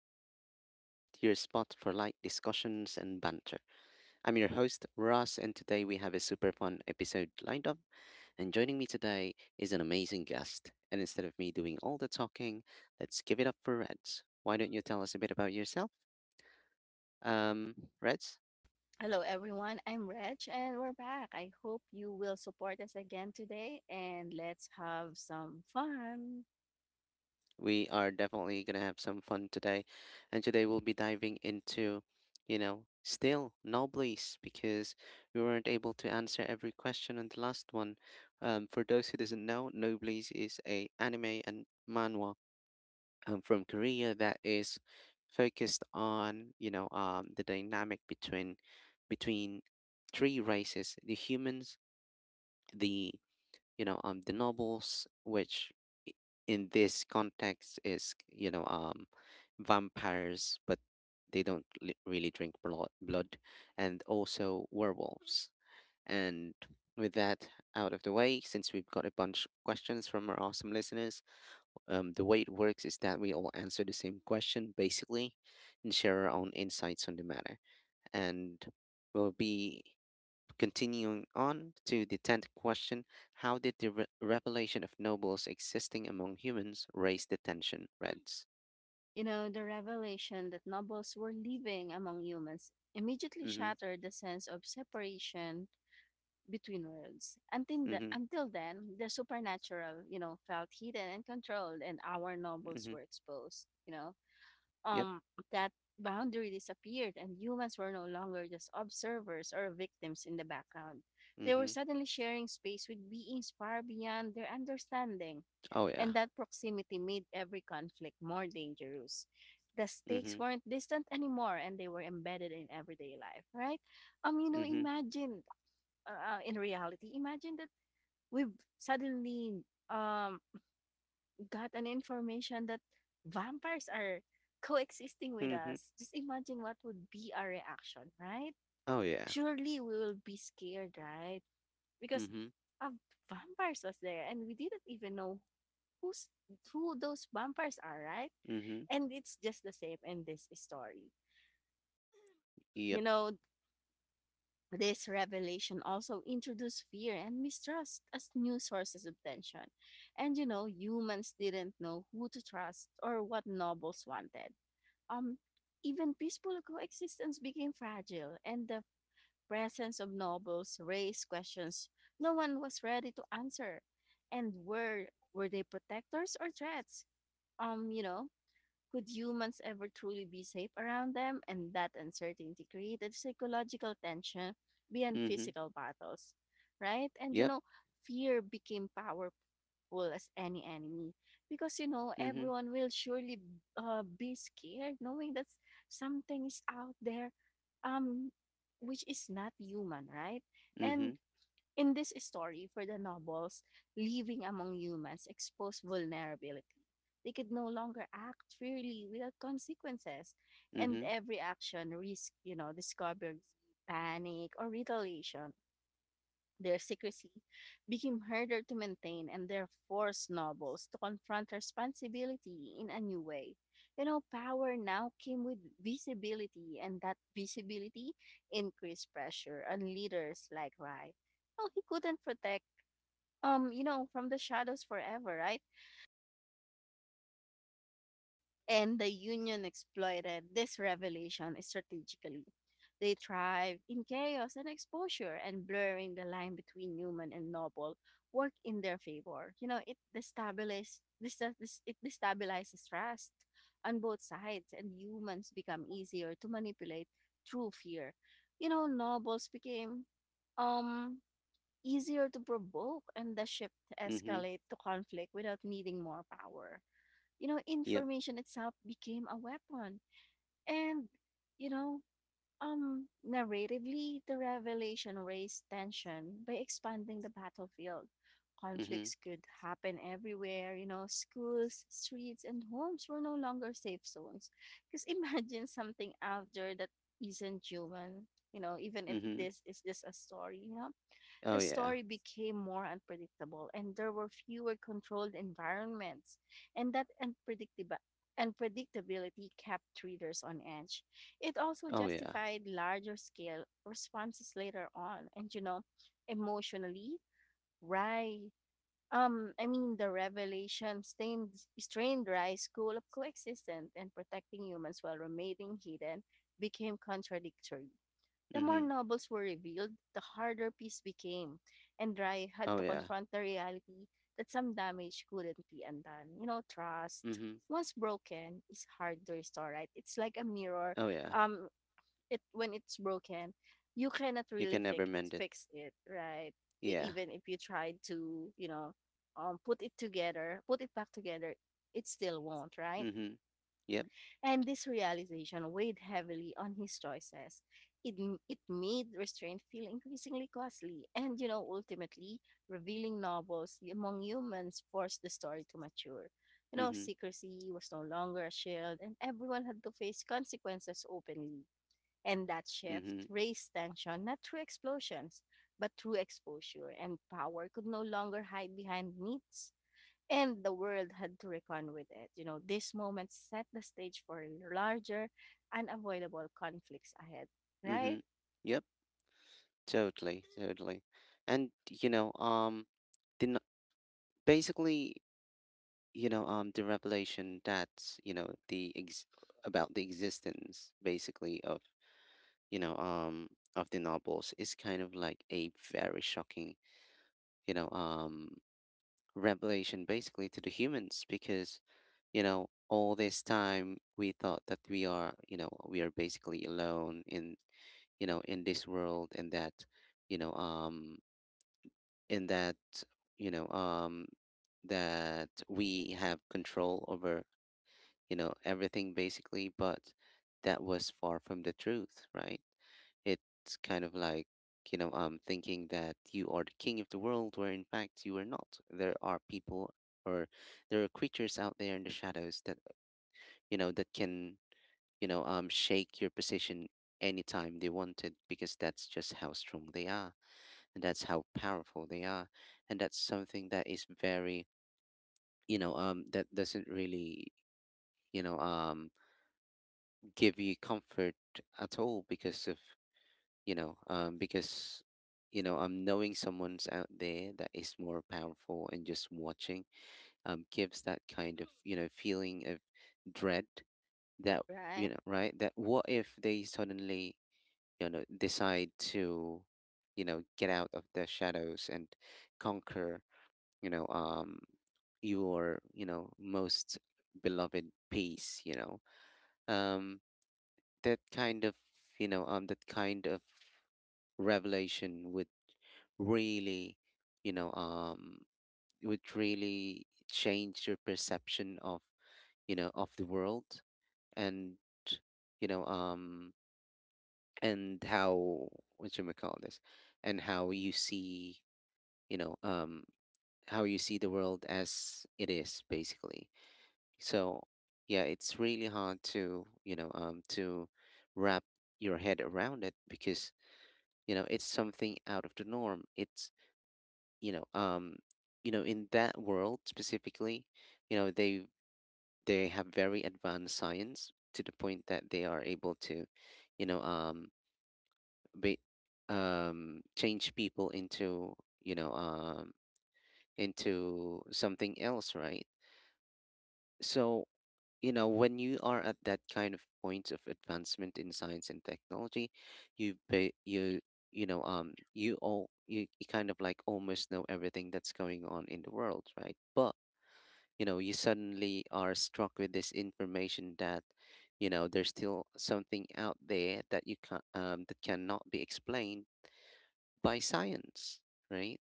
English Podcast, your spot for light discussions and banter. I'm your host, Ross, and today we have a super fun episode lined up. And joining me today is an amazing guest. And instead of me doing all the talking, let's give it up for Reds. Why don't you tell us a bit about yourself? Reds? Hello, everyone. I'm Reg, and we're back. I hope you will support us again today, and let's have some fun. We are definitely going to have some fun today. And today we'll be diving into still Noblis because we weren't able to answer every question on the last one. For those who doesn't know, Noblis is a anime and manhwa from Korea that is focused on the dynamic between three races: the humans, the the nobles, which i- in this context is vampires, but they don't really drink blood, and also werewolves. And with that out of the way, since we've got a bunch of questions from our awesome listeners, the way it works is that we all answer the same question basically, and share our own insights on the matter. And we'll be continuing on to the 10th question. How did the revelation of nobles existing among humans raise the tension, Reds? You know, the revelation that nobles were living among humans immediately Mm shattered the sense of separation between worlds. Until, hmm. Mm the, hmm. until then, the supernatural, you know, felt hidden and controlled, and our Mm nobles hmm. were exposed, you know. Yep. um, that boundary disappeared and humans were no longer just observers or victims in the background. Mm They were hmm. suddenly sharing space with beings far beyond their understanding, Oh, yeah. and that proximity made every conflict more dangerous. The Mm stakes hmm. weren't distant anymore and they were embedded in everyday life, right? You know, Mm hmm. imagine in reality, imagine that we've suddenly um got an information that vampires are coexisting with Mm hmm. us, just imagine what would be our reaction, right? Oh, yeah. Surely we will be scared, right? Because Mm hmm. a vampires was there and we didn't even know who's who those vampires are, right? Mm hmm. And it's just the same in this story. You Yep. know, this revelation also introduced fear and mistrust as new sources of tension. And you know, humans didn't know who to trust or what nobles wanted. um, Even peaceful coexistence became fragile, and the presence of nobles raised questions no one was ready to answer. And were they protectors or threats? You know, could humans ever truly be safe around them? And that uncertainty created psychological tension beyond Mm hmm. physical battles, right? And you Yep. know, fear became powerful as any enemy because you know Mm hmm. everyone will surely be scared knowing that something is out there um which is not human, right? Mm And hmm. in this story, for the nobles, living among humans exposed vulnerability. They could no longer act freely without consequences, Mm and hmm. every action risked, you know, discovery, panic, or retaliation. Their secrecy became harder to maintain and their forced nobles to confront responsibility in a new way. You know, power now came with visibility, and that visibility increased pressure on leaders like Rai. No, he couldn't protect you know, from the shadows forever, right? And the Union exploited this revelation strategically. They thrived in chaos and exposure, and blurring the line between human and noble work in their favor. You know, it destabilizes this, it destabilizes trust on both sides, and humans become easier to manipulate through fear. You know, nobles became um easier to provoke, and the shift Mm hmm. escalate to conflict without needing more power, you know, Yep. information itself became a weapon. And, you know, Narratively, the revelation raised tension by expanding the battlefield. Mm hmm. Conflicts could happen everywhere, you know, schools, streets, and homes were no longer safe zones. Because imagine something out there that isn't human, you know, even if Mm hmm. this is just a story, you know Oh, the yeah. story became more unpredictable and there were fewer controlled environments. And that unpredictability kept readers on edge. It also Oh, yeah. justified larger scale responses later on. And you know, emotionally, Rye the revelation strained Rye's goal of coexistence, and protecting humans while remaining hidden became contradictory. The Mm more hmm. novels were revealed, the harder peace became, and Rai had Oh, to yeah. confront the reality that some damage couldn't be undone. You know, trust, Mm hmm. once broken, is hard to restore, right? It's like a mirror. Oh, yeah. Um, it when it's broken, you cannot You really can never fix mend it. fix it, right? E- Yeah. even if you try to, you know, put it together, put it back together, it still won't, right? Mm hmm. Yep. And this realization weighed heavily on his choices. It made restraint feel increasingly costly, and you know, ultimately, revealing novels among humans forced the story to mature. You Mm know, hmm. secrecy was no longer a shield, and everyone had to face consequences openly. And that Mm shift hmm. raised tension not through explosions, but through exposure, and power could no longer hide behind myths and the world had to reckon with it. You know, this moment set the stage for larger, unavoidable conflicts ahead. Right? Mm-hmm. Yep, totally, totally. And you know, the n- basically, the revelation that's, you know, the ex about the existence basically of, you know, um, of the novels is kind of like a very shocking, you know, um, revelation basically to the humans because, you know, all this time we thought that we are basically alone in this world, and that, you know, in that you know that we have control over, you know, everything basically, but that was far from the truth, right? It's kind of like, thinking that you are the king of the world, where in fact you are not. There are people, or there are creatures out there in the shadows that, you know, that can, shake your position anytime they wanted, because that's just how strong they are, and that's how powerful they are. And that's something that is very, that doesn't really, you know um give you comfort at all because of, because, knowing someone's out there that is more powerful and just watching gives that kind of, you know, feeling of dread, that, you Right? know, right, that what if they suddenly, you know, decide to, you know, get out of their shadows and conquer, you know um your, you know, most beloved piece, you know, um that kind of that kind of revelation would really, you know um would really change your perception of, you know, of the world. And, you know um and how, what you may call this, and how you see, you know um how you see the world as it is, basically. So, yeah, it's really hard to, you know, to wrap your head around it because, you know, it's something out of the norm. It's, you know, um, you know, in that world specifically, you know, they have very advanced science to the point that they are able to, you know, be, change people into, you know, um, into something else, right? So, you know, when you are at that kind of point of advancement in science and technology, you ba- you know you all you, you kind of like almost know everything that's going on in the world, right? But, you know, you suddenly are struck with this information that, you know, there's still something out there that you can that cannot be explained by science, right?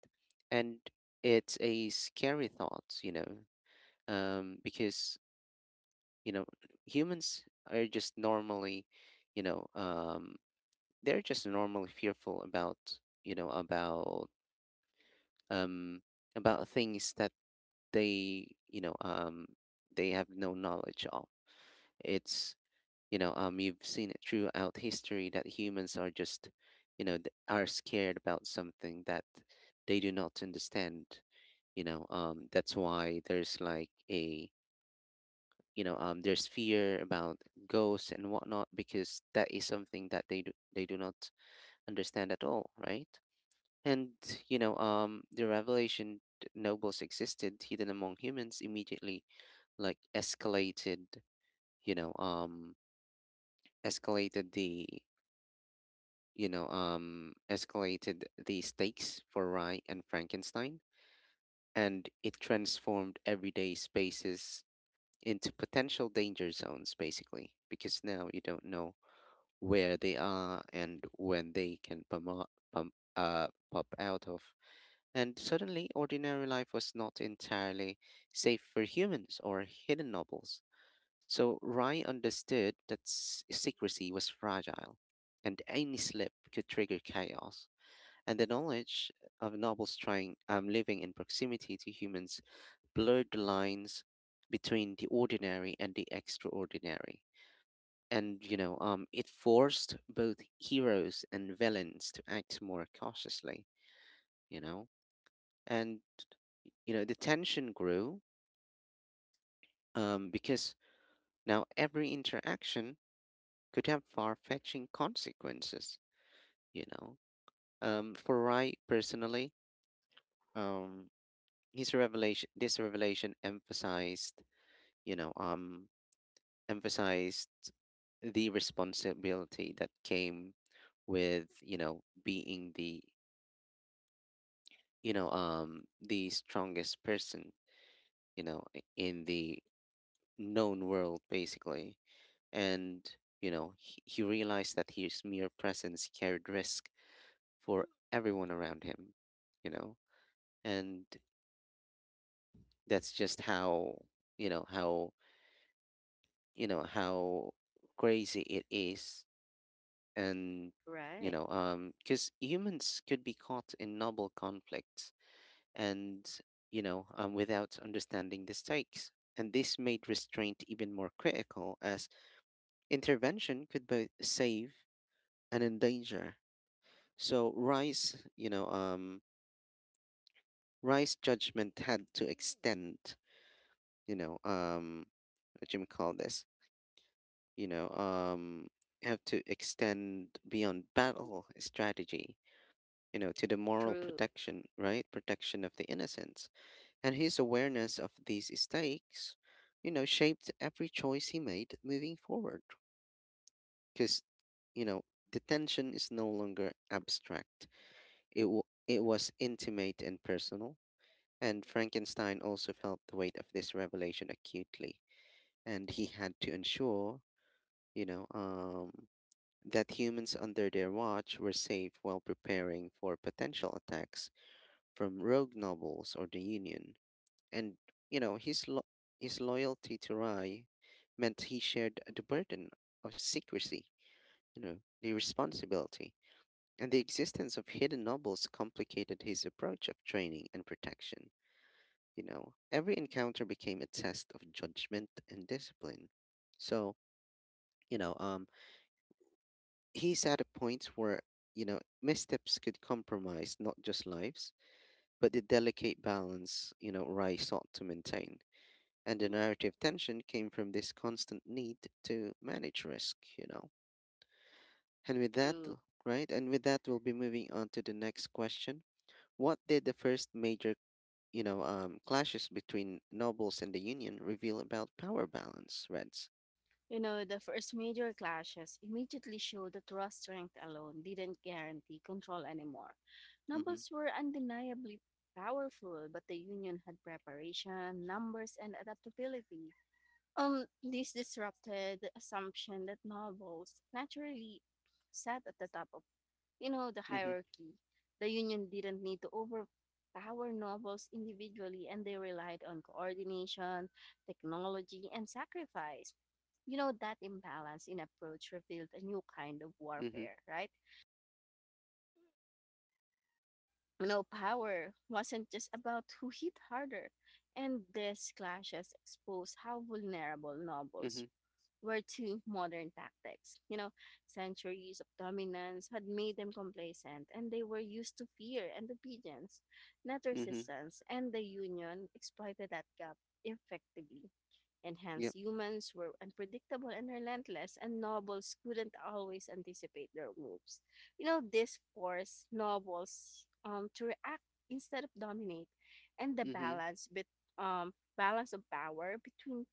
And it's a scary thought, you know, because, you know, humans are just normally, you know um they're just normally fearful about, you know, um about things that they you know um they have no knowledge of. It's, you've seen it throughout history that humans are just, you know, are scared about something that they do not understand, you know. That's why there's like a, there's fear about ghosts and whatnot because that is something that they do not understand at all, right? And, the revelation that nobles existed hidden among humans immediately like escalated, you know um escalated the, escalated the stakes for Rye and Frankenstein, and it transformed everyday spaces into potential danger zones, basically because now you don't know where they are and when they can pop out of. And suddenly, ordinary life was not entirely safe for humans or hidden nobles. So Rai understood that secrecy was fragile, and any slip could trigger chaos. And the knowledge of nobles trying living in proximity to humans blurred the lines between the ordinary and the extraordinary, and, it forced both heroes and villains to act more cautiously, you know. And, you know, the tension grew because now every interaction could have far-fetching consequences, you know. For Rai personally, um his revelation this revelation emphasized, you know um emphasized the responsibility that came with, you know, being the, the strongest person, you know, in the known world, basically. And, you know, he realized that his mere presence carried risk for everyone around him, you know. And that's just how, you know, how you know how crazy it is. And, Right. Because humans could be caught in noble conflicts and, without understanding the stakes. And this made restraint even more critical, as intervention could both save and endanger. So Rice, Rice judgment had to extend, you know um, what you may call this, you know have to extend beyond battle strategy, you know, to the moral True. protection, right, protection of the innocents. And his awareness of these stakes, you know, shaped every choice he made moving forward. Because, you know, detention is no longer abstract. It, it was intimate and personal. And Frankenstein also felt the weight of this revelation acutely. And he had to ensure, you know, that humans under their watch were safe while preparing for potential attacks from rogue nobles or the Union. And, you know his lo- his loyalty to Rai meant he shared the burden of secrecy, you know, the responsibility, and the existence of hidden nobles complicated his approach of training and protection. You know, every encounter became a test of judgment and discipline. So, you know, he's at a point where, you know, missteps could compromise not just lives, but the delicate balance, you know, Rai sought to maintain. And the narrative tension came from this constant need to manage risk, you know. And with that, True. right? And with that, we'll be moving on to the next question. What did the first major, clashes between nobles and the union reveal about power balance, Reds? You know, the first major clashes immediately showed that raw strength alone didn't guarantee control anymore. Mm-hmm. Nobles were undeniably powerful, but the Union had preparation, numbers, and adaptability. This disrupted the assumption that nobles naturally sat at the top of, you know, the Mm-hmm. hierarchy. The Union didn't need to overpower nobles individually, and they relied on coordination, technology, and sacrifice. You know, that imbalance in approach revealed a new kind of Mm-hmm. warfare, right? You know, power wasn't just about who hit harder, and these clashes exposed how vulnerable Mm-hmm. nobles were two modern tactics. You know, centuries of dominance had made them complacent, and they were used to fear and obedience, not Mm-hmm. resistance, and the Union exploited that gap effectively. And Yep. hence, humans were unpredictable and relentless, and nobles couldn't always anticipate their moves. You know, this forced nobles to react instead of dominate, and the Mm-hmm. balance, bet- um, balance of power between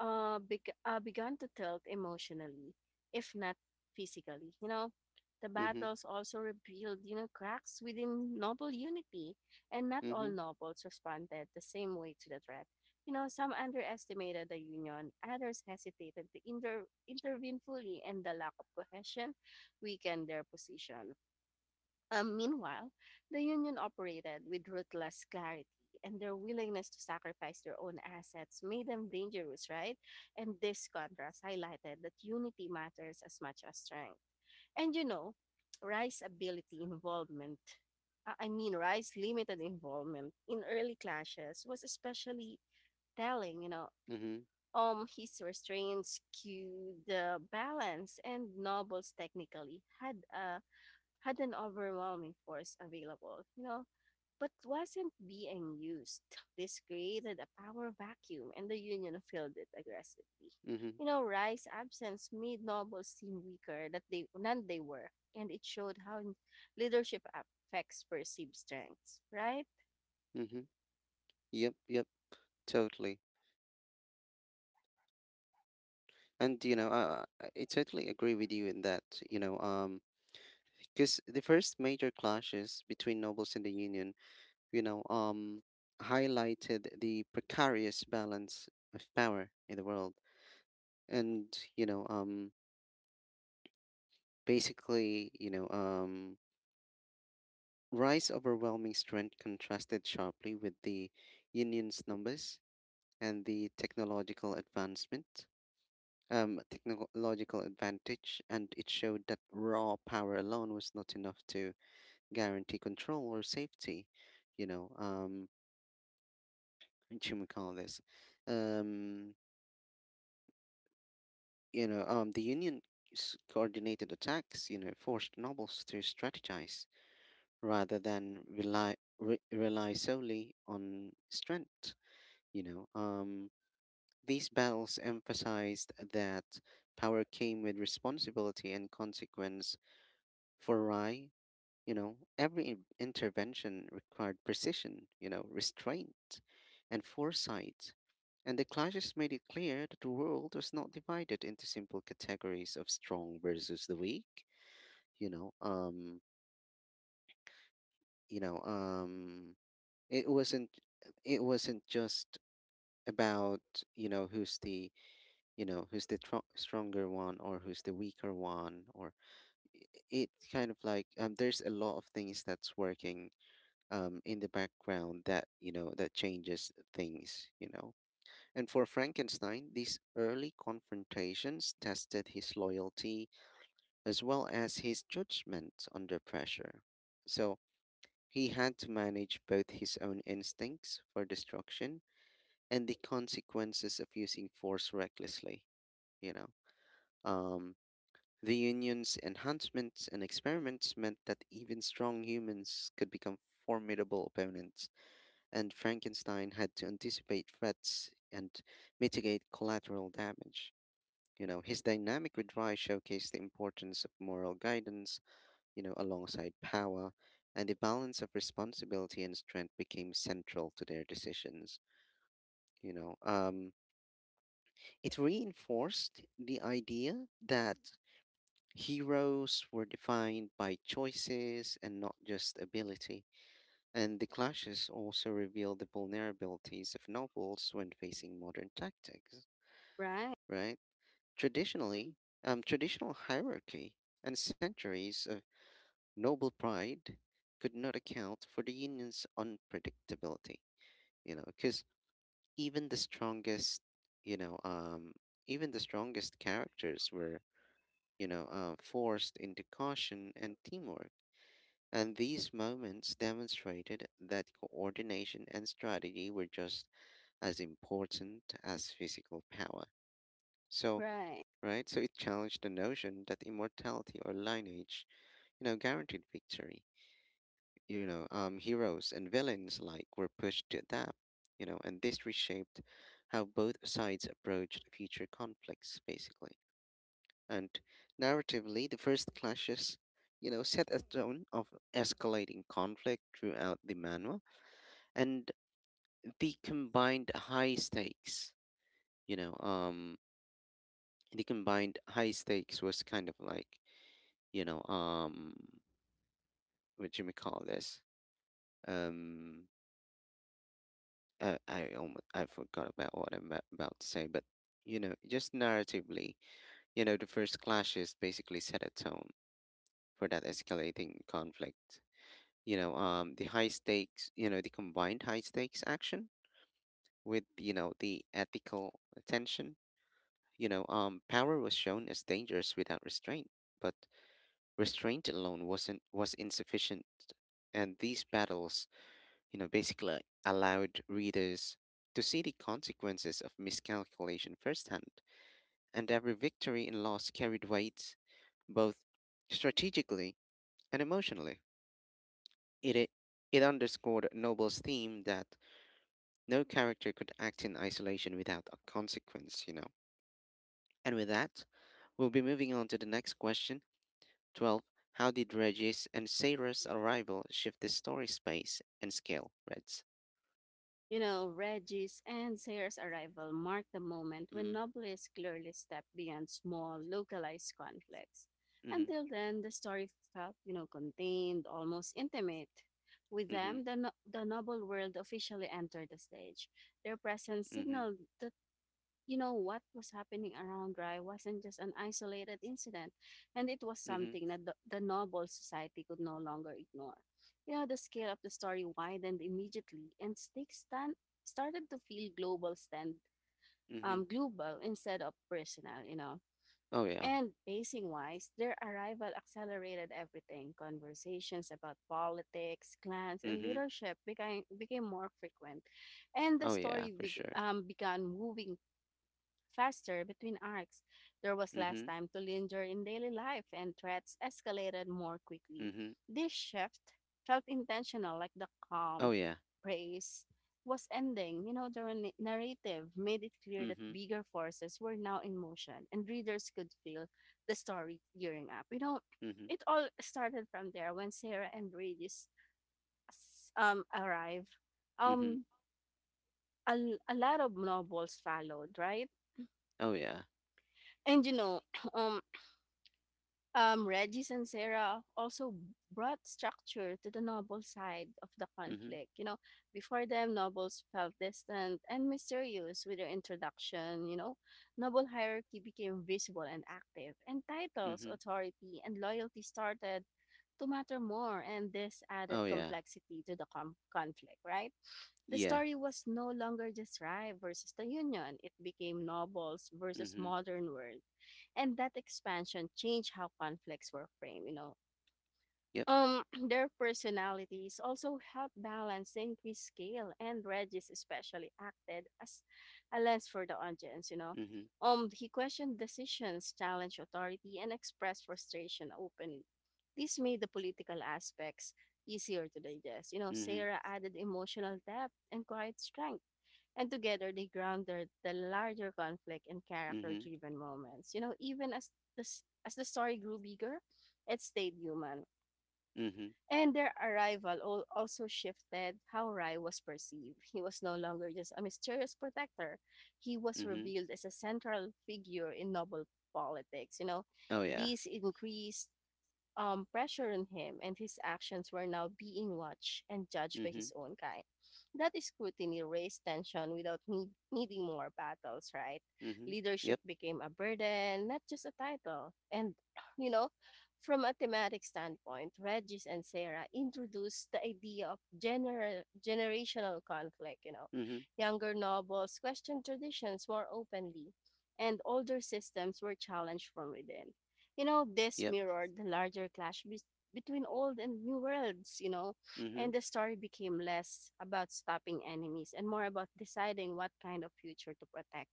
began to tilt emotionally, if not physically. You know, the Mm-hmm. battles also revealed, you know, cracks within noble unity, and not all Mm-hmm. nobles responded the same way to the threat. You know, some underestimated the Union, others hesitated to intervene fully, and the lack of cohesion weakened their position. Meanwhile, the Union operated with ruthless clarity, and their willingness to sacrifice their own assets made them dangerous, right? And this contrast highlighted that unity matters as much as strength. And you know, Rice's ability involvement, I mean, Rice's limited involvement in early clashes was especially telling, you know. Mm-hmm. His restraints, cue the balance, and nobles technically had an overwhelming force available, you know, but wasn't being used. This created a power vacuum, and the Union filled it aggressively. Mm-hmm. You know, Rye's absence made nobles seem weaker than they were, and it showed how leadership affects perceived strengths, right? Mm-hmm. Yep. Yep. Totally. And you know, I totally agree with you in that. You know, because the first major clashes between nobles and the Union, you know, um, highlighted the precarious balance of power in the world, and, basically, you know, um, Rice's overwhelming strength contrasted sharply with the Union's numbers and the technological advancement, technological advantage, and it showed that raw power alone was not enough to guarantee control or safety. You know, should we call this? Um, the Union coordinated attacks, you know, forced nobles to strategize rather than rely solely on strength. You know, these battles emphasized that power came with responsibility and consequence for Rai. You know, every intervention required precision, you know, restraint and foresight. And the clashes made it clear that the world was not divided into simple categories of strong versus the weak. You know, um, you know, um, it wasn't, it wasn't just about who's the who's the stronger one or who's the weaker one i- it kind of like There's a lot of things that's working in the background that that changes things. And for Frankenstein, these early confrontations tested his loyalty as well as his judgment under pressure. So he had to manage both his own instincts for destruction and the consequences of using force recklessly you know um, the union's enhancements and experiments meant that even strong humans could become formidable opponents, and Frankenstein had to anticipate threats and mitigate collateral damage. You know, his dynamic retry showcased the importance of moral guidance, alongside power, and the balance of responsibility and strength became central to their decisions. You know, um, it reinforced the idea that heroes were defined by choices and not just ability. And the clashes also reveal the vulnerabilities of nobles when facing modern tactics, Right, right? Traditionally, Traditional hierarchy and centuries of noble pride could not account for the union's unpredictability, because even the strongest, you know, um, even the strongest characters were, forced into caution and teamwork. And these moments demonstrated that coordination and strategy were just as important as physical power. So, right. right? So it challenged the notion that immortality or lineage, guaranteed victory. Heroes and villains alike were pushed to adapt, and this reshaped how both sides approached future conflicts, basically. And narratively, the first clashes, set a tone of escalating conflict throughout the manual, and the combined high stakes, you know, um, the combined high stakes was kind of like you know what do you call this um I almost I forgot about what I'm about to say. But just narratively, the first clashes basically set a tone for that escalating conflict. The high stakes, the combined high stakes action with the ethical tension. Power was shown as dangerous without restraint but. Restraint alone wasn't was insufficient, and these battles, basically, allowed readers to see the consequences of miscalculation firsthand. And every victory and loss carried weight, both strategically and emotionally. It it it underscored noble's theme that no character could act in isolation without a consequence. And with that, we'll be moving on to the next question. 12. How did Reggie's and Sarah's arrival shift the story space and scale, Reds? You know, Reggie's and Sayre's arrival marked the moment when Mm-hmm, nobles clearly stepped beyond small, localized conflicts. mm-hmm, Until then, the story felt, you know, contained, almost intimate. With mm-hmm, them, the, no- the noble world officially entered the stage. Their presence mm-hmm, signaled the, you know, what was happening around Rai wasn't just an isolated incident, and it was mm-hmm, something that the noble society could no longer ignore. You know, the scale of the story widened immediately, and started to feel mm-hmm. Global instead of personal, you know. Oh, yeah. And pacing wise, their arrival accelerated everything. Conversations about politics, clans, and Mm-hmm. leadership became more frequent and the Oh, yeah, story for beg sure. um, began moving faster between arcs. There was less Mm-hmm, time to linger in daily life, and threats escalated more quickly. mm-hmm. This shift felt intentional, like the Oh, calm yeah. praise was ending. You know, the narrative made it clear that Mm-hmm, bigger forces were now in motion, and readers could feel the story gearing up. You know, mm-hmm, it all started from there when Sarah and Regis arrive. mm-hmm. Um, a, a lot of novels followed, right? Oh, yeah. And you know, um, Regis and Sarah also brought structure to the noble side of the Mm-hmm, conflict. You know, before them, nobles felt distant and mysterious with their introduction. You know, noble hierarchy became visible and active, and titles, mm-hmm. authority, and loyalty started to matter more, and this added Oh, yeah. complexity to the conflict, right? The Yeah. story was no longer the tribe versus the union. It became nobles versus Mm-hmm. modern world. And that expansion changed how conflicts were framed, you know. Yep. Um, their personalities also help balance the increased scale, and Regis especially acted as a lens for the audience, you know. Mm-hmm, He questioned decisions, challenged authority, and expressed frustration openly. This made the political aspects easier to digest. You know, mm-hmm, Sarah added emotional depth and quiet strength, and together they grounded the larger conflict in mm-hmm, character-driven moments. You know, even as as the story grew bigger, it stayed human mm-hmm, and their arrival also shifted how Rai was perceived. He was no longer just a mysterious protector, he was mm-hmm. revealed as a central figure in noble politics. You know, Oh, yeah. these increased pressure on him, and his actions were now being watched and judged by Mm-hmm, his own kind. That scrutiny raised tension without needing more battles, right? mm-hmm. Leadership Yep. became a burden, not just a title. And, you know, from a thematic standpoint, Regis and Sarah introduced the idea of generational conflict, you know. Mm-hmm. Younger nobles questioned traditions more openly, and older systems were challenged from within. You know, this Yep. mirrored the larger clash between old and new worlds, you know, Mm-hmm. and the story became less about stopping enemies and more about deciding what kind of future to protect.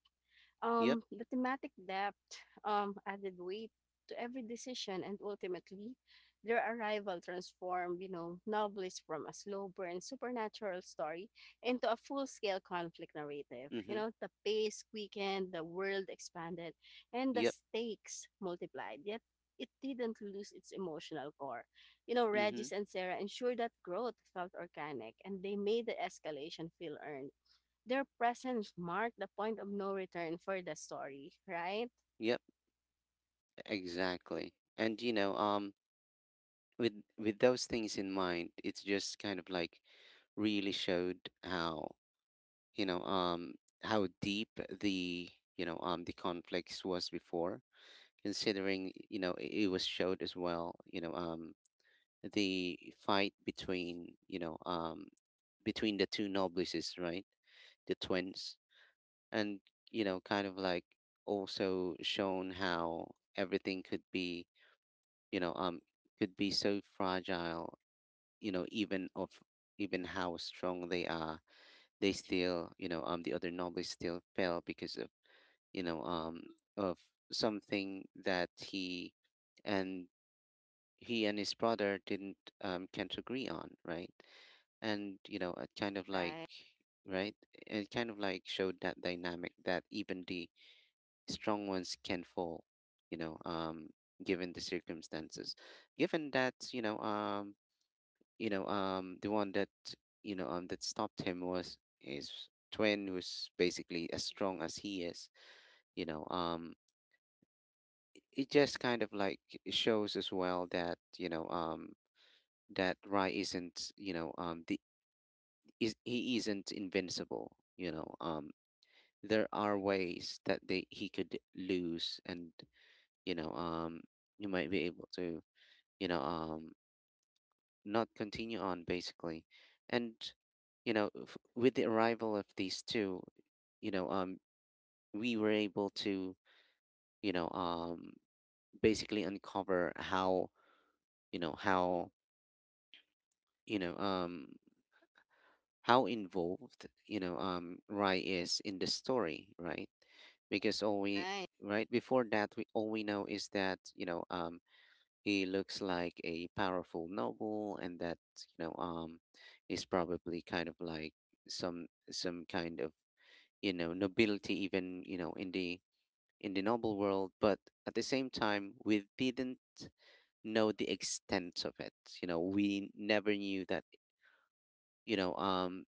Yep. The thematic depth added weight to every decision, and ultimately, their arrival transformed, you know, novelists from a slow burn supernatural story into a full scale conflict narrative. You Mm-hmm. know, the pace quickened, the world expanded, and the Yep. stakes multiplied. Yet, it didn't lose its emotional core. You know, Mm-hmm. Regis and Sarah ensured that growth felt organic and they made the escalation feel earned their presence marked the point of no return for the story, right? Yep. Exactly. And with with those things in mind, it's just kind of like really showed how, you know, um, how deep the, the conflicts was before, considering, it was showed as well, the fight between, between the two noblices, right? The twins. And kind of like also shown how everything could be you know um could be so fragile, even of even how strong they are, they still, the other nobles still fell because of you know um of something that and he and his brother didn't can't agree on, right? And it kind of like, Right. right, it kind of like showed that dynamic, that even the strong ones can fall, you know um given the circumstances, given that the one that that stopped him was his twin, who's basically as strong as he is. You know, um, it just kind of like shows as well that that Rai isn't you know the is he isn't invincible. There are ways that they he could lose, and you know um you might be able to you know um not continue on, basically. And with the arrival of these two, you know um we were able to you know um basically uncover how you know how you know um how involved, Rai is in the story, right? Because all we Right. right before that, we all we know is that he looks like a powerful noble, and that you know um is probably kind of like some kind of nobility, even in the noble world. But at the same time, we didn't know the extent of it. You know, we never knew that you know um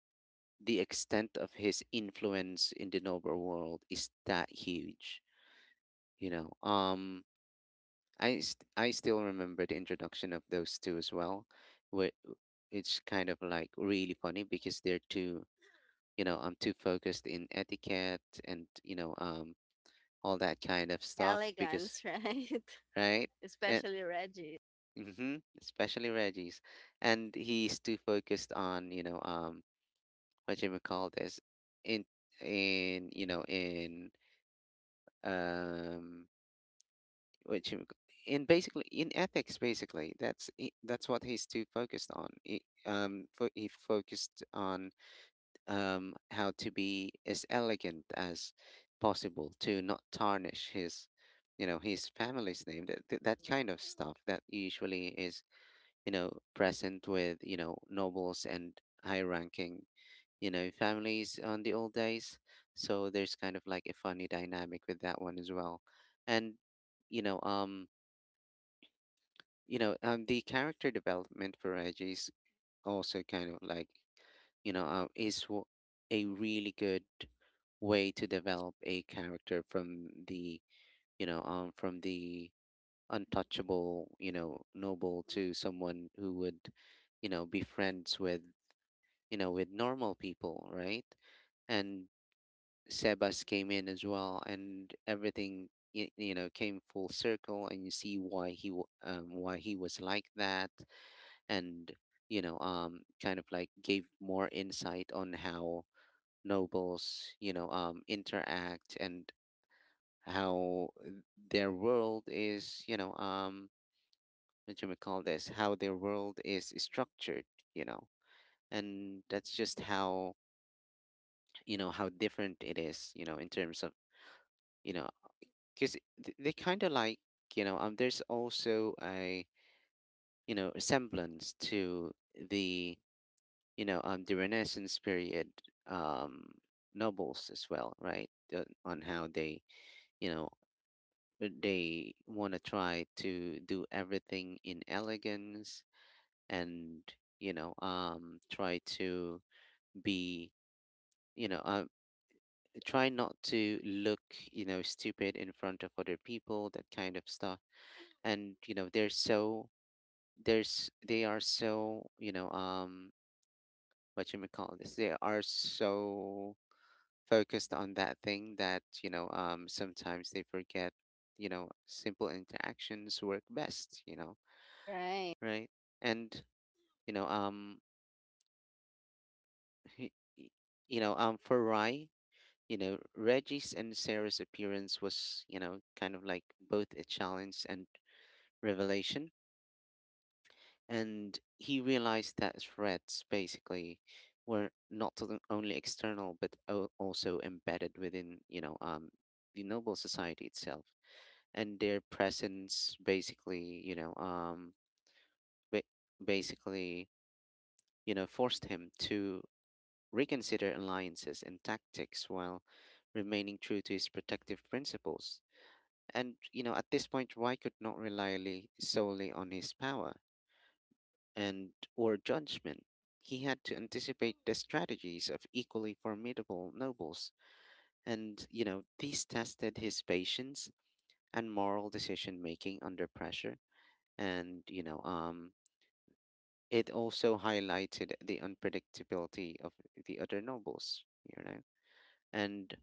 the extent of his influence in the noble world is that huge. You know, um I still remember the introduction of those two as well, where it's kind of like really funny because they're too I'm too focused in etiquette and all that kind of stuff, because Elegance, right? right. And Especially Reggie, especially Reggie's, and he's too focused on what you may call this, in in you know in um which you- in basically in ethics, basically. That's what he's too focused on. He focused on how to be as elegant as possible to not tarnish his his family's name, that kind of stuff that usually is present with nobles and high ranking families on the old days. So there's kind of like a funny dynamic with that one as well. And you know um the character development for Edge is also kind of like, you know, uh, is w- a really good way to develop a character from the, from the untouchable, noble to someone who would, be friends with, with normal people, right? And Sebas came in as well, and everything you know, came full circle, and you see why why he was like that. And kind of like gave more insight on how nobles interact, and how their world is, you know what do we call this how their world is structured you know and that's just how how different it is, in terms of you know because they kind of like, there's also a semblance to the the Renaissance period um, nobles as well, right? On how they, you know, they want to try to do everything in elegance and, try to be, you know, um, try not to look, stupid in front of other people, that kind of stuff. And, you know, they are so, you know, what you may call this, they are so focused on that thing that sometimes they forget you know simple interactions work best. right? Right? And you know um for Rye, Reggie's and Sarah's appearance was, kind of like both a challenge and revelation. And he realized that threats, basically, were not to- only external but also embedded within, the noble society itself. And their presence, basically, ba- basically, forced him to reconsider alliances and tactics while remaining true to his protective principles. And at this point, Rai could not rely solely on his power and or judgment. He had to anticipate the strategies of equally formidable nobles. And these tested his patience and moral decision making under pressure. And it also highlighted the unpredictability of the other nobles, you know. And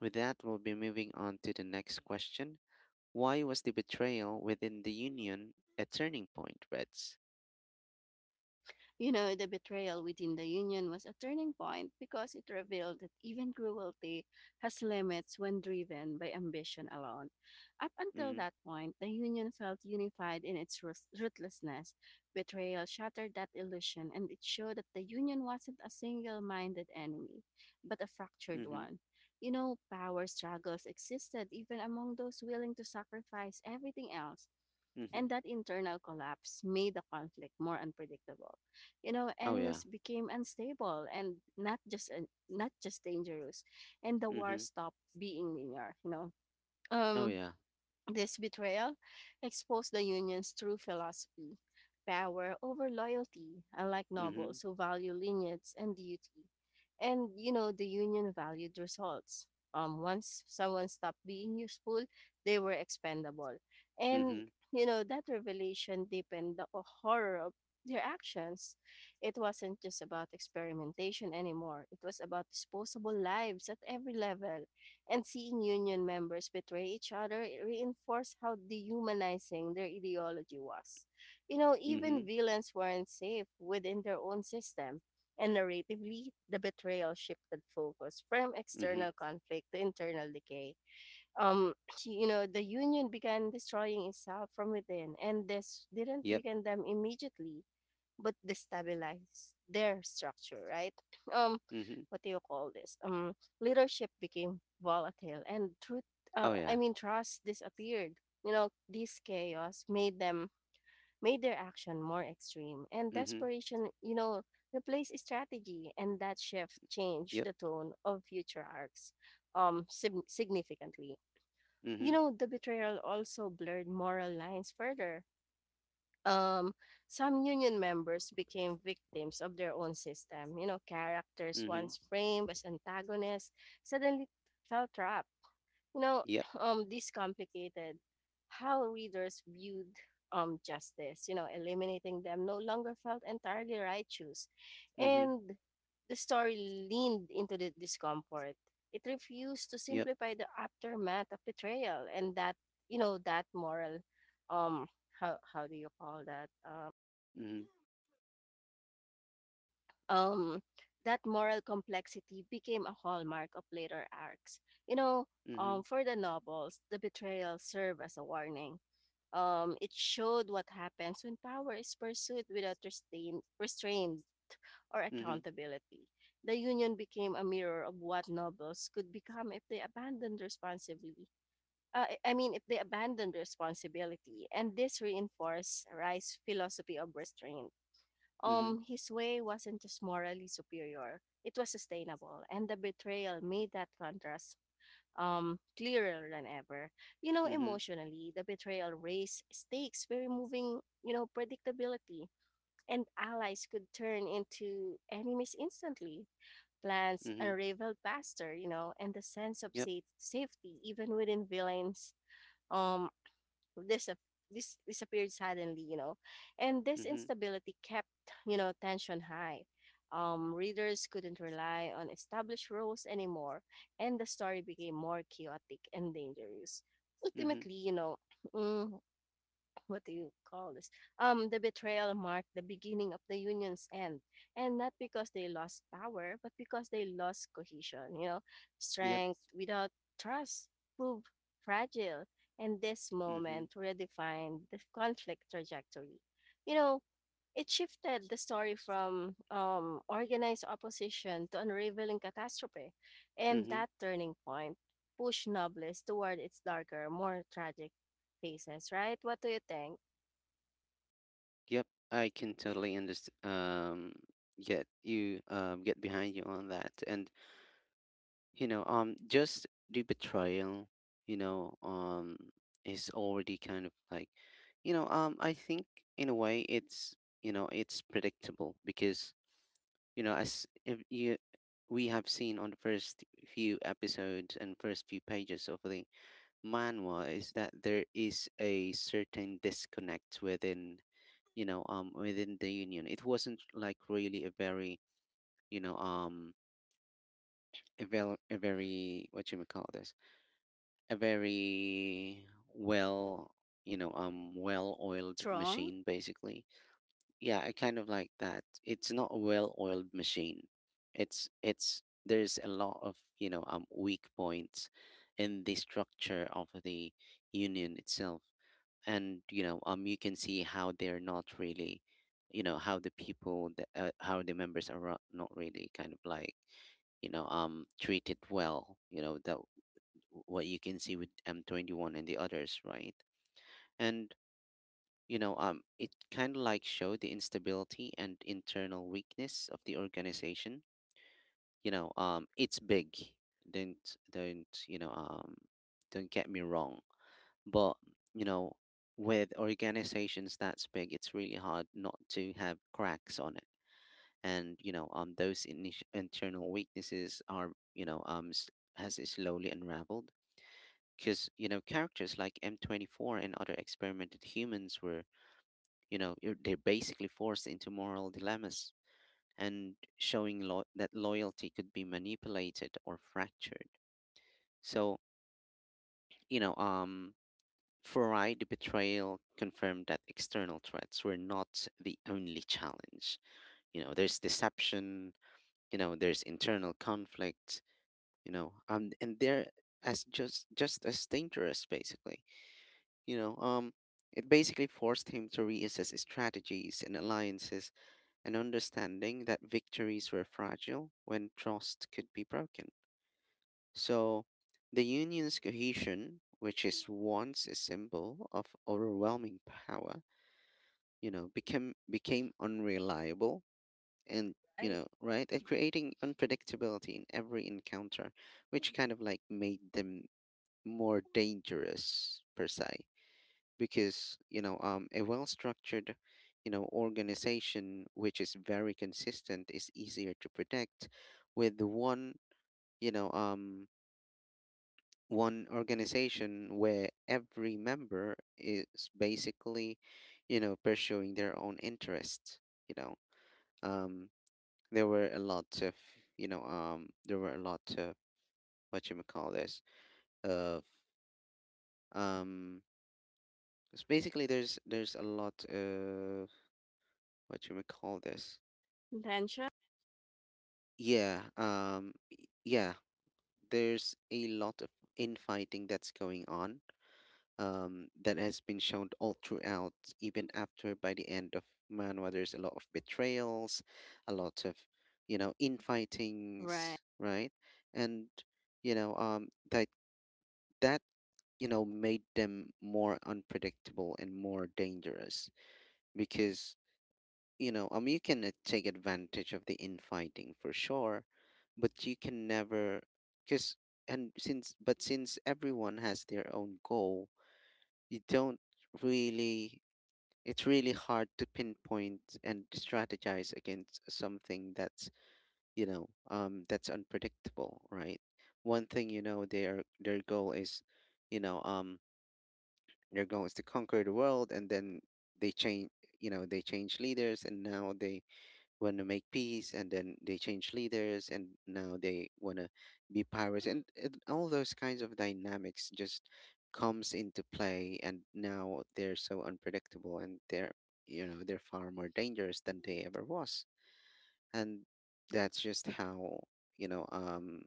with that, we'll be moving on to the next question. Why was the betrayal within the Union a turning point, Reds? You know, the betrayal within the union was a turning point because it revealed that even cruelty has limits when driven by ambition alone. Up until Mm that point, the union felt unified in its ruthlessness. Betrayal shattered that illusion, and it showed that the union wasn't a single minded enemy, but a hmm, fractured mm hmm, one. You know, power struggles existed even among those willing to sacrifice everything else, mm and hmm. that internal collapse made the conflict more unpredictable. You know Oh, yeah. enemies became unstable and not just not just dangerous, and the Mm war hmm, stopped being linear. You know oh, um yeah. this betrayal exposed the Union's true philosophy, power over loyalty, unlike Mm hmm, nobles who value lineage and duty. And, you know, the Union valued results. Once someone stopped being useful, they were expendable. mm hmm, And, you know, that revelation deepened the horror of their actions. It wasn't just about experimentation anymore, it was about disposable lives at every level, and seeing union members betray each other reinforced how dehumanizing their ideology was. You know, mm hmm, even villains weren't safe within their own system. And narratively, the betrayal shifted focus from mm hmm. external conflict to internal decay. Um, you know, the union began destroying itself from within, and this didn't Yep. weaken them immediately but destabilize their structure, right? Um, Mm hmm, what do you call this? Leadership became volatile, and oh, yeah. Trust disappeared. You know, this chaos made them made their action more extreme, and Mm hmm, desperation, replaced strategy, and that shift changed yep. the tone of future arcs significantly. Mm You hmm, know, the betrayal also blurred moral lines further. Um, some union members became victims of their own system. You know, characters mm hmm, once framed as antagonists suddenly felt trapped. You know, yep. This complicated how readers viewed justice. You know, eliminating them no longer felt entirely righteous, Mm hmm, and the story leaned into the discomfort. It refused to yep. simplify the aftermath of betrayal, and that you know that moral, um, how do you call that? Mm um, that moral complexity became a hallmark of later arcs. You know, hmm, mm hmm, for the novels, the betrayal served as a warning. It showed what happens when power is pursued without restraint, or mm hmm, accountability. The union became a mirror of what nobles could become if they abandoned responsibly. I mean, if they abandoned responsibility, and this reinforced Rice's philosophy of restraint. mm Um, his way wasn't just morally superior, it was sustainable, and the betrayal made that contrast clearer than ever. You know, hmm, emotionally, the betrayal raised stakes by removing predictability, and allies could turn into enemies instantly. Plans mm hmm, unraveled faster, and the sense of yep. Safety, even within villains, um, dis- this disappeared suddenly. And this Mm hmm, instability kept, you know, tension high. Readers couldn't rely on established rules anymore, and the story became more chaotic and dangerous. mm hmm, Ultimately, you know, mm, what do you call this? The betrayal marked the beginning of the union's end, and not because they lost power, but because they lost cohesion. You know, yep. strength without trust proved fragile, and this Mm-hmm. moment redefined the conflict trajectory. You know, it shifted the story from organized opposition to unraveling catastrophe, and Mm-hmm. that turning point pushed Nobles toward its darker, more tragic faces, right? What do you think? Yep, I can totally understand. Get you. Get behind you on that. And just the betrayal. You know, um, is already kind of like, I think in a way it's predictable because you know as if you we have seen on the first few episodes and first few pages of the manhwa is that there is a certain disconnect within within the union. It wasn't like really a very you know um a very, a very what you may call this a very well well oiled Strong, machine basically. Yeah, I kind of like that it's not a well oiled machine. It's there's a lot of weak points in the structure of the union itself. And you can see how they're not really how how the members are not really kind of like treated well, you know, that what you can see with M21 and the others, right? And it kind of like showed the instability and internal weakness of the organization. It's big. Don't don't get me wrong, but, you know, with organizations that's big, it's really hard not to have cracks on it. And, those internal weaknesses are, has slowly unraveled. Because, characters like M24 and other experimented humans were, they're basically forced into moral dilemmas, and showing that loyalty could be manipulated or fractured. So, you know, um, for I, the betrayal confirmed that external threats were not the only challenge. There's deception, there's internal conflict, and they're as just as dangerous, basically. You know, um, it basically forced him to reassess his strategies and alliances, and understanding that victories were fragile when trust could be broken. So, the union's cohesion, which is once a symbol of overwhelming power, became unreliable, and right? And creating unpredictability in every encounter, which kind of like made them more dangerous per se. Because a well structured, organization which is very consistent is easier to predict. With the one you know um one organization where every member is basically pursuing their own interests. you know um there were a lot of you know there were a lot of what you call this of um it's basically there's a lot of what you call this Intention, yeah, there's a lot of infighting that's going on. Um, that has been shown all throughout. Even after by the end of manhwa, there's a lot of betrayals, a lot of right, infightings, right? And you know um that made them more unpredictable and more dangerous. Because you can take advantage of the infighting for sure, but you can never. Because, and since but since everyone has their own goal, you don't really it's really hard to pinpoint and strategize against something that's that's unpredictable, right? One thing, their goal is, you know um they're going to conquer the world, and then they change. They change leaders, and now they want to make peace, and then they change leaders, and now they want to be pirates, and all those kinds of dynamics just comes into play. And now they're so unpredictable, and they're they're far more dangerous than they ever was. And that's just how you know um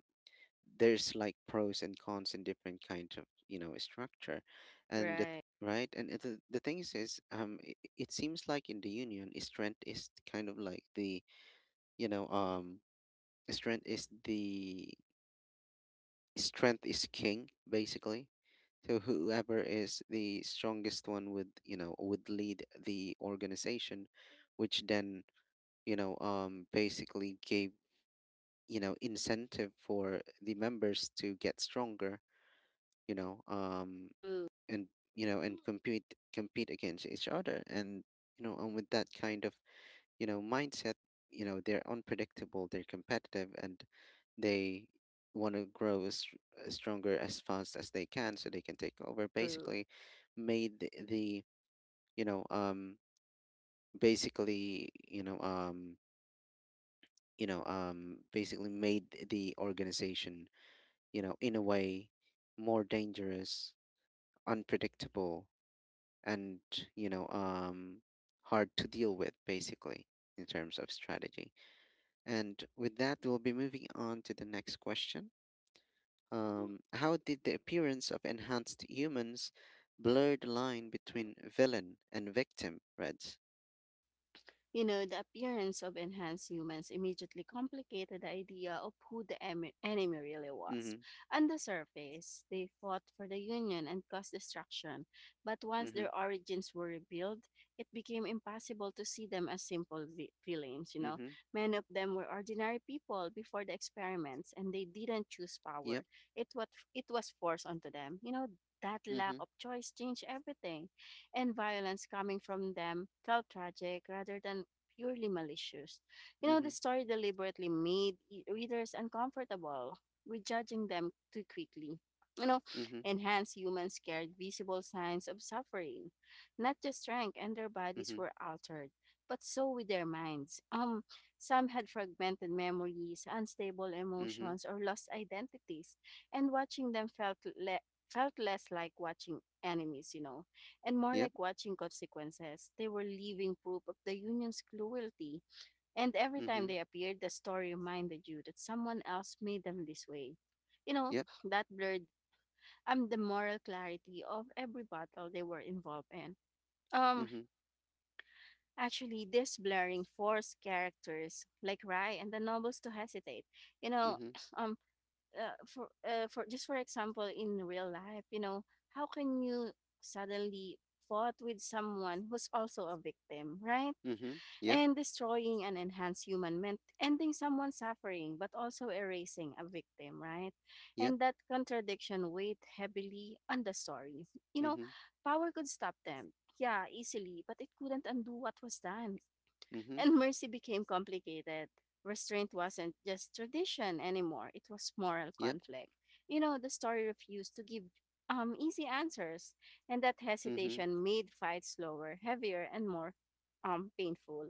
there's like pros and cons in different kinds of structure. and the, right. right. And the thing is it seems like in the union strength is kind of like the you know um strength is the strength is king basically. So whoever is the strongest one would would lead the organization. Which then basically gave incentive for the members to get stronger. you know um True, and you know and compete compete against each other. And and with that kind of mindset, they're unpredictable, they're competitive, and they want to grow as stronger as fast as they can so they can take over true. basically. Made the you know um basically basically made the organization, in a way, more dangerous, unpredictable, and you know um hard to deal with basically, in terms of strategy. And with that, we'll be moving on to the next question. Um, how did the appearance of enhanced humans blur the line between villain and victim, Reds? You know, the appearance of enhanced humans immediately complicated the idea of who the enemy really was. Mhm. On the surface, they fought for the Union and caused destruction, but once Mhm. their origins were revealed, it became impossible to see them as simple villains, you know. Mhm. Many of them were ordinary people before the experiments, and they didn't choose power. Yep. It, what, it was forced onto them. You know, that lack Mhm. of choice changed everything, and violence coming from them felt tragic rather than purely malicious. You know, the Mhm. story deliberately made readers uncomfortable with judging them too quickly. You know, Mhm. enhanced humans carried visible signs of suffering. Not just strength, and their bodies Mhm. were altered, but so with their minds. Some had fragmented memories, unstable Mhm. emotions, or lost identities, and watching them felt less like watching enemies. You know, and more Yep. like watching consequences. They were living proof of the union's cruelty, and every time Mhm. they appeared, the story reminded you that someone else made them this way. You know, Yep. that blurred the moral clarity of every battle they were involved in. Um, Mhm. actually, this blurring forced characters like Rai and the nobles to hesitate. You know, Mhm. um, for just for example in real life, you know, how can you suddenly fought with someone who's also a victim, right? Mhm. Yep. And destroying an enhanced human meant ending someone's suffering but also erasing a victim, right? Yep. And that contradiction weighed heavily on the story. you know Mhm. Power could stop them, yeah, easily, but it couldn't undo what was done, Mhm. and mercy became complicated. Restraint wasn't just tradition anymore, it was moral Yep. conflict. You know, the story refused to give easy answers, and that Mhm. hesitation made fights slower, heavier, and more painful.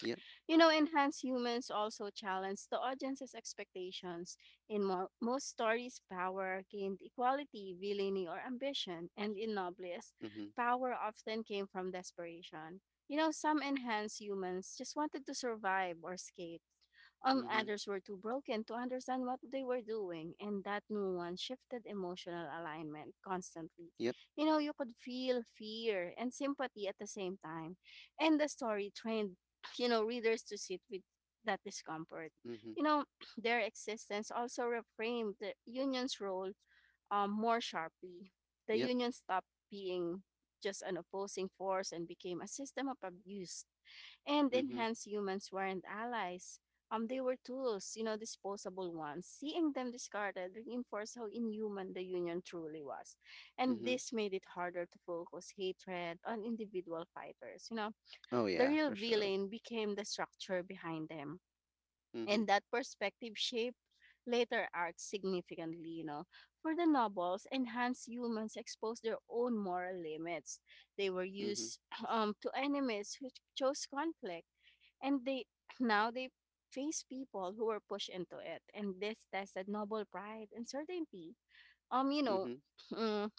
Yep. You know, enhanced humans also challenge the audience's expectations. In most stories, power gained equality, villainy, or ambition, and in Nobles, Mhm. power often came from desperation. You know, some enhanced humans just wanted to survive or escape. Um, Mhm. others were too broken to understand what they were doing, and that nuance shifted emotional alignment constantly. Yep. You know, you could feel fear and sympathy at the same time, and the story trained, you know, readers to sit with that discomfort. Mhm. You know, their existence also reframed the union's role more sharply. The Yep. union stopped being just an opposing force and became a system of abuse, and Mhm. enhanced humans weren't allies. They were tools, you know, disposable ones. Seeing them discarded reinforced how inhuman the Union truly was. And Mhm. this made it harder to focus hatred on individual fighters. You know, Oh the yeah, real for sure. villain became the structure behind them. And Mhm. that perspective shaped later arcs significantly, you know. For the nobles, enhanced humans exposed their own moral limits. They were Mhm. used to enemies who chose conflict, and they now they face people who were pushed into it, and this tested noble pride and certainty. You know, Mhm. mm,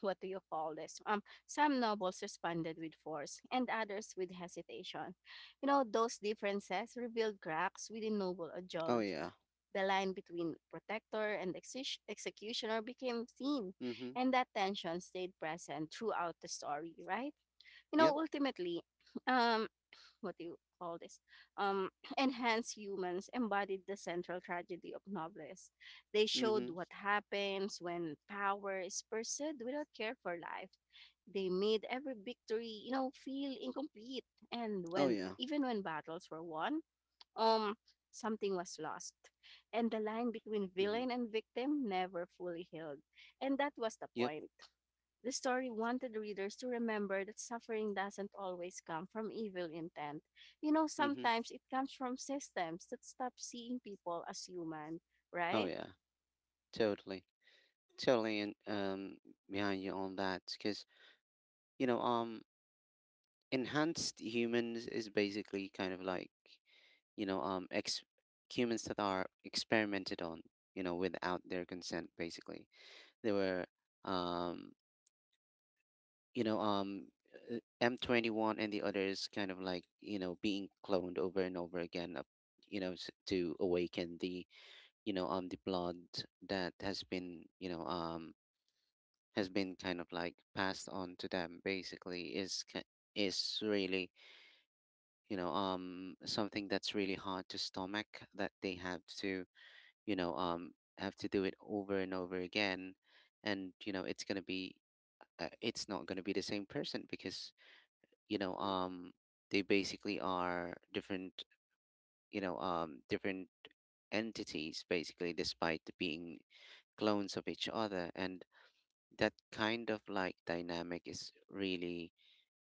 what do you call this? Some nobles responded with force, and others with hesitation. You know, those differences revealed cracks within noble Oh ideology. yeah. The line between protector and executioner became thin, Mhm. and that tension stayed present throughout the story, right? You know, Yep. ultimately, um, what do you call this um enhanced humans embodied the central tragedy of novelists. They showed Mhm. what happens when power is pursued without care for life. They made every victory feel incomplete, and Oh when yeah. even when battles were won, um something was lost, and the line between Mhm. villain and victim never fully healed, and that was the Yep. point. The story wanted readers to remember that suffering doesn't always come from evil intent. You know, Mhm. sometimes it comes from systems that stop seeing people as human, Oh right? yeah. Totally. Totally. And um, behind you on that, cuz you know um enhanced humans is basically kind of like you know um ex- humans that are experimented on, you know, without their consent basically. They were, um, you know um M21 and the others kind of like, being cloned over and over again up, to awaken the, the blood that has been, has been kind of like passed on to them basically. Is really, something that's really hard to stomach, that they have to, you know um have to do it over and over again. And it's going to be, it's not going to be the same person. Because you know um they basically are different, different entities basically, despite being clones of each other. And that kind of like dynamic is really,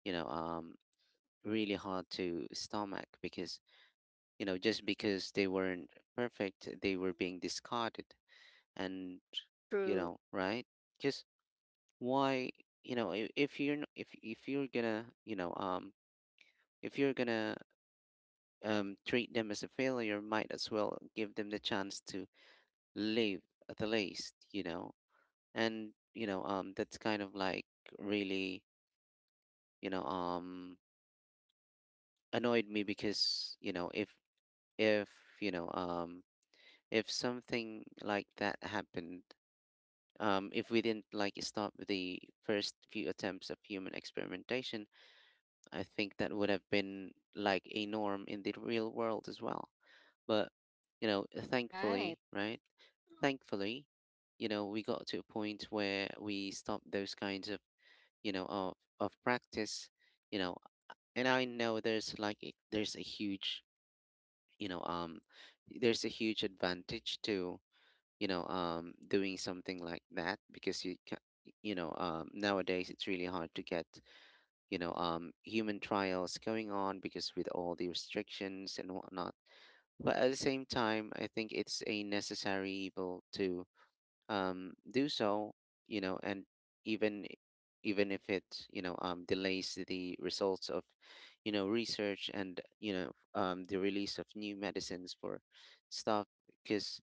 you know um really hard to stomach. Because just because they weren't perfect, they were being discarded. And True, right, because why, if you're gonna, if you're gonna, treat them as a failure, might as well give them the chance to live at the least, you know. And that's kind of like really, you know um annoyed me. Because if you know um if something like that happened, um, if we didn't like stop the first few attempts of human experimentation, I think that would have been like a norm in the real world as well. But, right. thankfully, right? Thankfully, we got to a point where we stopped those kinds of, you know, of, of practice, you know. And I know there's like, there's a huge, you know, um, there's a huge advantage to, doing something like that. Because you can, nowadays it's really hard to get, human trials going on because with all the restrictions and whatnot. But at the same time, I think it's a necessary evil to, do so, you know. And even if it, delays the results of, research and, the release of new medicines for stuff. Because,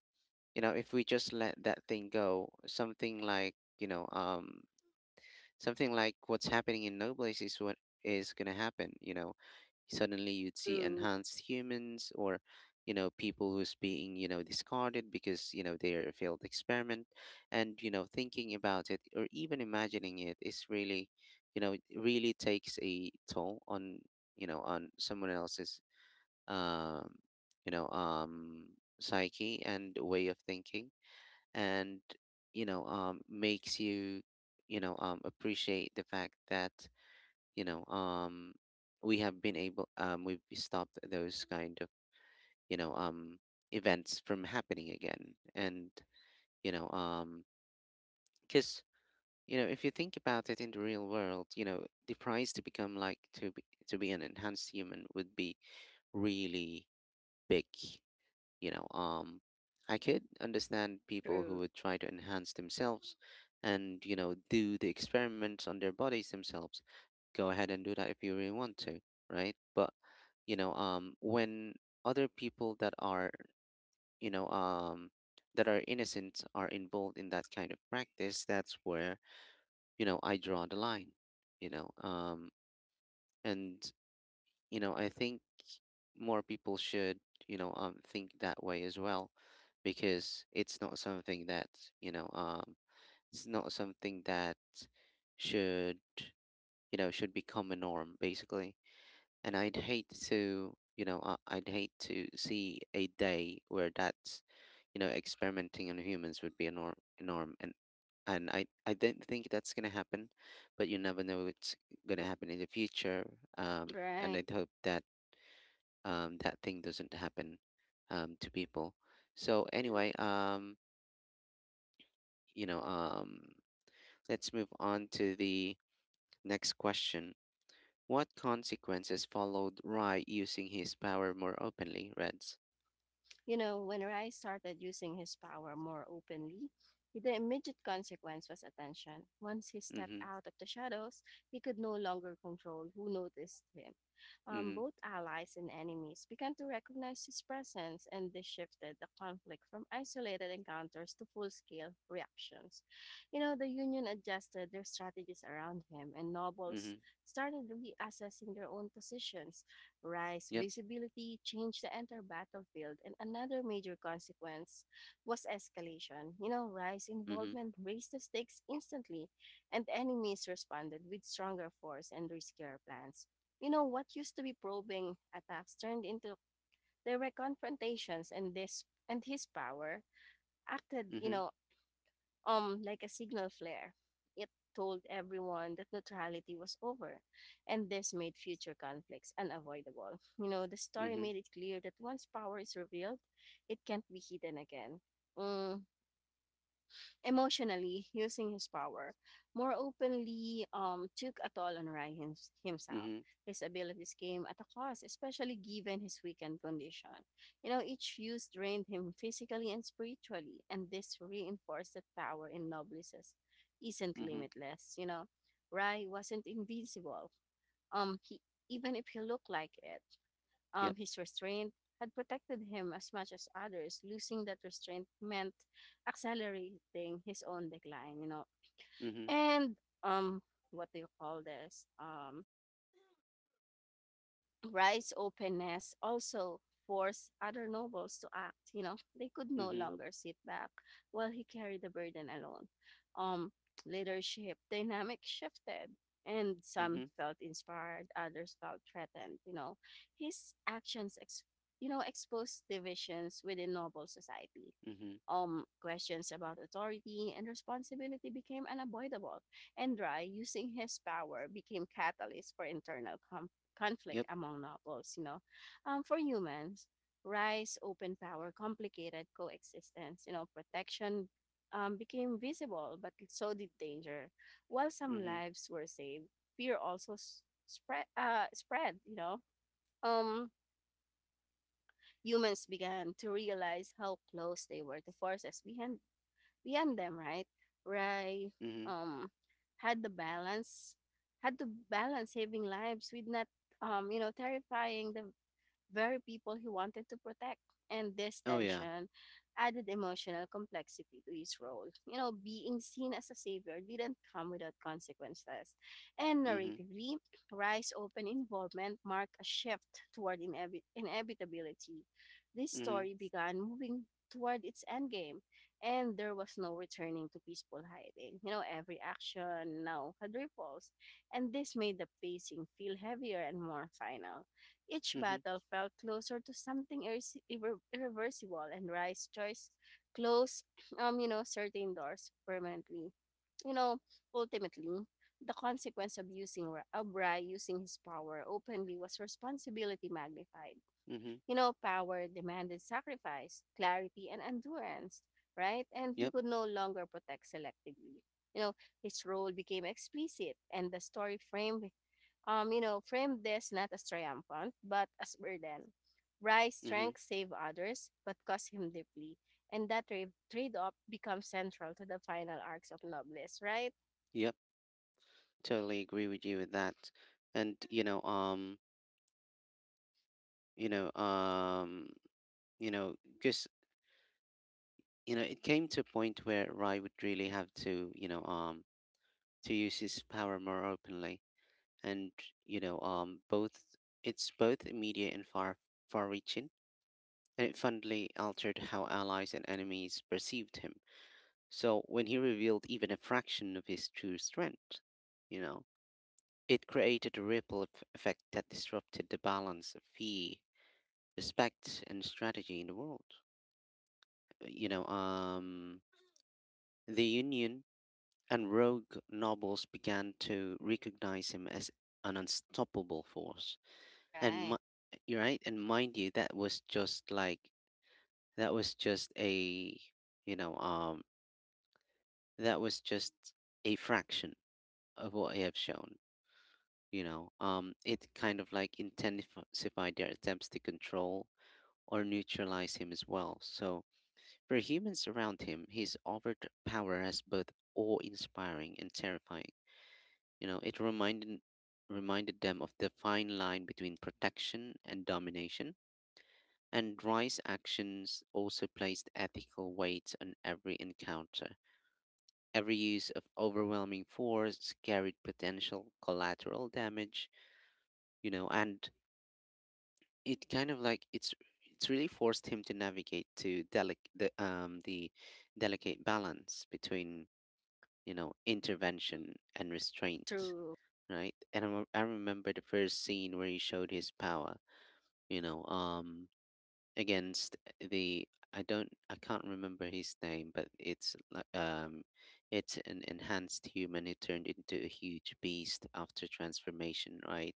if we just let that thing go, something like, something like what's happening in no place is what is going to happen, you know. Suddenly you'd see True, enhanced humans, or people who's being, discarded because, they're a failed experiment. And thinking about it, or even imagining it, is really, it really takes a toll on, on someone else's, um you know um psyche and way of thinking. And makes you, you know appreciate the fact that, you know um we have been able, we've stopped those kind of, you know um events from happening again. And you know um because if you think about it in the real world, the price to become like, to be an enhanced human would be really big. you know um I could understand people who true, would try to enhance themselves and, do the experiments on their bodies themselves. Go ahead and do that if you really want to, right? But when other people that are, you know um, that are innocent are involved in that kind of practice, that's where, I draw the line. You know, um, and I think more people should, think that way as well. Because it's not something that, you know um, it's not something that should, should become a norm basically. And I'd hate to, I'd hate to see a day where that's, experimenting on humans would be a norm, a norm. And I don't think that's gonna happen, but you never know what's gonna happen in the future. And right. I'd hope that, um, that thing doesn't happen, to people. So anyway, you know, um, let's move on to the next question. What consequences followed Rai using his power more openly, Reds? You know, when Rai started using his power more openly, the immediate consequence was attention. Once he stepped Mhm, out of the shadows, he could no longer control who noticed him. Mhm, Both allies and enemies began to recognize his presence, and this shifted the conflict from isolated encounters to full scale reactions. You know, the Union adjusted their strategies around him, and nobles mhm, started reassessing their own positions. Rice yep, visibility changed the entire battlefield, and another major consequence was escalation. You know, Rice mhm, involvement raised the stakes instantly, and the enemies responded with stronger force and riskier plans. You know, what used to be probing attacks turned into direct confrontations, and this and his power acted, mhm, like a signal flare. It told everyone that neutrality was over, and this made future conflicts unavoidable. You know, the story mhm, made it clear that once power is revealed, it can't be hidden again. Mm, emotionally using his power more openly took a toll on Ryan himself. mhm, His abilities came at a cost, especially given his weakened condition. You know, each use drained him physically and spiritually, and this reinforced that power in noblesse isn't mhm, limitless. Rai wasn't invincible. He Even if he looked like it, yep, his restraint had protected him as much as others. Losing that restraint meant accelerating his own decline, you know. mhm, And um, what do you call this? Wright's openness also forced other nobles to act. You know, they could no mhm, longer sit back while he carried the burden alone. Um, leadership dynamic shifted, and some mhm, felt inspired, others felt threatened. You know, his actions exposed divisions within noble society. mhm, Questions about authority and responsibility became unavoidable, and Dry, using his power, became catalyst for internal conflict yep, among nobles, you know. For humans, rise, open power, complicated coexistence, you know, protection became visible, but so did danger. While some mhm, lives were saved, fear also spread, you know. Um, humans began to realize how close they were to forces behind them, right? Rai mhm. um, had the balance, had to balance saving lives with not you know, terrifying the very people he wanted to protect. And this Oh yeah, tension added emotional complexity to his role. You know, being seen as a savior didn't come without consequences. And mhm, narratively, Rice's open involvement marked a shift toward inevitability. This mhm, story began moving toward its endgame, and there was no returning to peaceful hiding. You know, every action now had ripples, and this made the pacing feel heavier and more final. Each mhm, battle felt closer to something irreversible, and Rai's choice closed, certain doors permanently. You know, ultimately, the consequence of Rai using his power openly was responsibility magnified. mhm, You know, power demanded sacrifice, clarity, and endurance, right? And he yep, could no longer protect selectively. You know, his role became explicit, and the story framed this not as triumphant, but as burden. Rai's mhm, strength saved others, but cost him deeply, and that tra- trade-off becomes central to the final arcs of Loveless, right? yep. Totally agree with you with that, and you know, um, because it came to a point where Rai would really have to, to use his power more openly and both it's both immediate and far reaching, and it fundamentally altered how allies and enemies perceived him. So when he revealed even a fraction of his true strength, you know it created a effect that disrupted the balance of fear, respect, and strategy in the world. you know um the union and rogue nobles began to recognize him as an unstoppable force. and Right. mi- you're right, and mind you, that was just that was just a you know um that was just a fraction of what I have shown. It kind of like intensified their attempts to control or neutralize him as well. So for humans around him, his overt power has both awe-inspiring and terrifying. You know, it reminded them of the fine line between protection and domination. And Rice's actions also placed ethical weight on every encounter. Every use of overwhelming force carried potential collateral damage, you know, and it kind of like it's really forced him to navigate to the delicate balance between, you know, intervention and restraint, True. right? And I remember the first scene where he showed his power, you know, um against the— I don't— I can't remember his name, but it's like, it's an enhanced human who turned into a huge beast after transformation, right?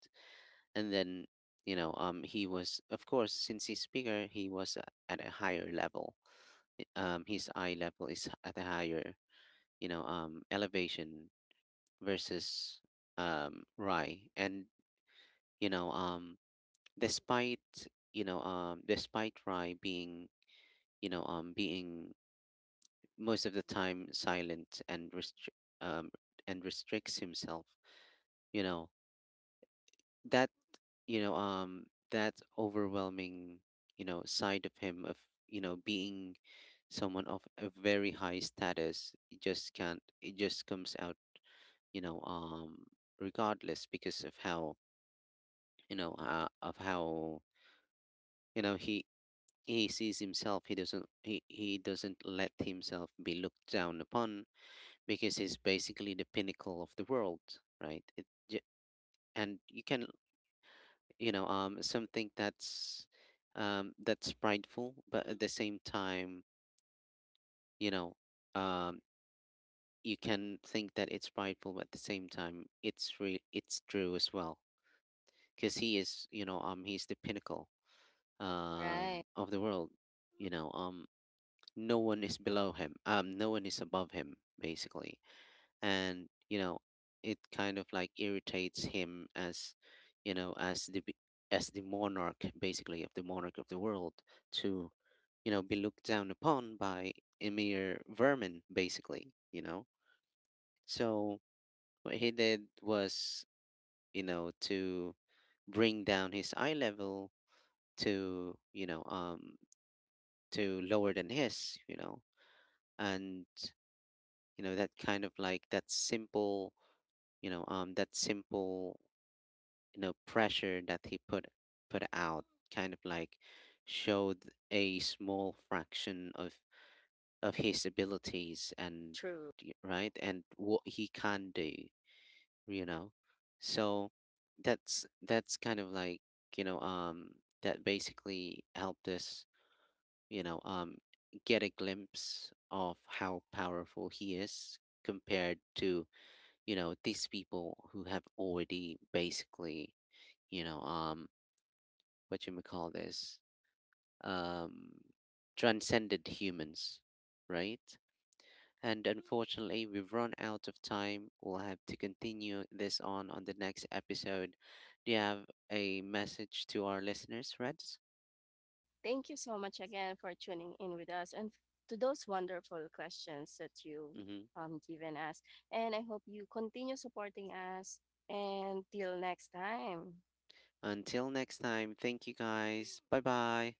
And then, he was, of course, since he's bigger, he was at a higher level. His eye level is at a higher elevation versus, um, Rai. And you know um despite despite Rai being, being most of the time silent and um restricts himself. You know, that that overwhelming, you know, side of him, of, you know, being someone of a very high status, it just can't it just comes out, you know um regardless, because of how, of how, you know he he sees himself. He doesn't— he doesn't let himself be looked down upon, because it's basically the pinnacle of the world, right? And you can, something that's, that's prideful, but at the same time, you know um you can think that it's prideful, but at the same time it's it's true as well, because he is, he's the pinnacle, um, Right. of the world. you know um no one is below him, um, no one is above him basically. And you know, it kind of like irritates him as, you know as the b- as the monarch, basically, of the monarch of the world, to, you know, be looked down upon by a mere vermin basically, you know. So what he did was, you know, to bring down his eye level to, to lower than his, you know. And you know, that kind of like that simple, that simple, you know, pressure that he put out kind of like showed a small fraction of— of his abilities and— True. Right, and what he can do, you know. So that's kind of like, you know um that basically helped us, you know um get a glimpse of how powerful he is compared to, you know, these people who have already basically, you know um what you may call this, um, transcended humans, right? And unfortunately, we've run out of time. We'll have to continue this on the next episode. Do you have a message to our listeners, Reds? Thank you so much again for tuning in with us and to those wonderful questions that you've Hmm. um, given us. And I hope you continue supporting us. And till next time. Until next time, thank you guys. Bye bye.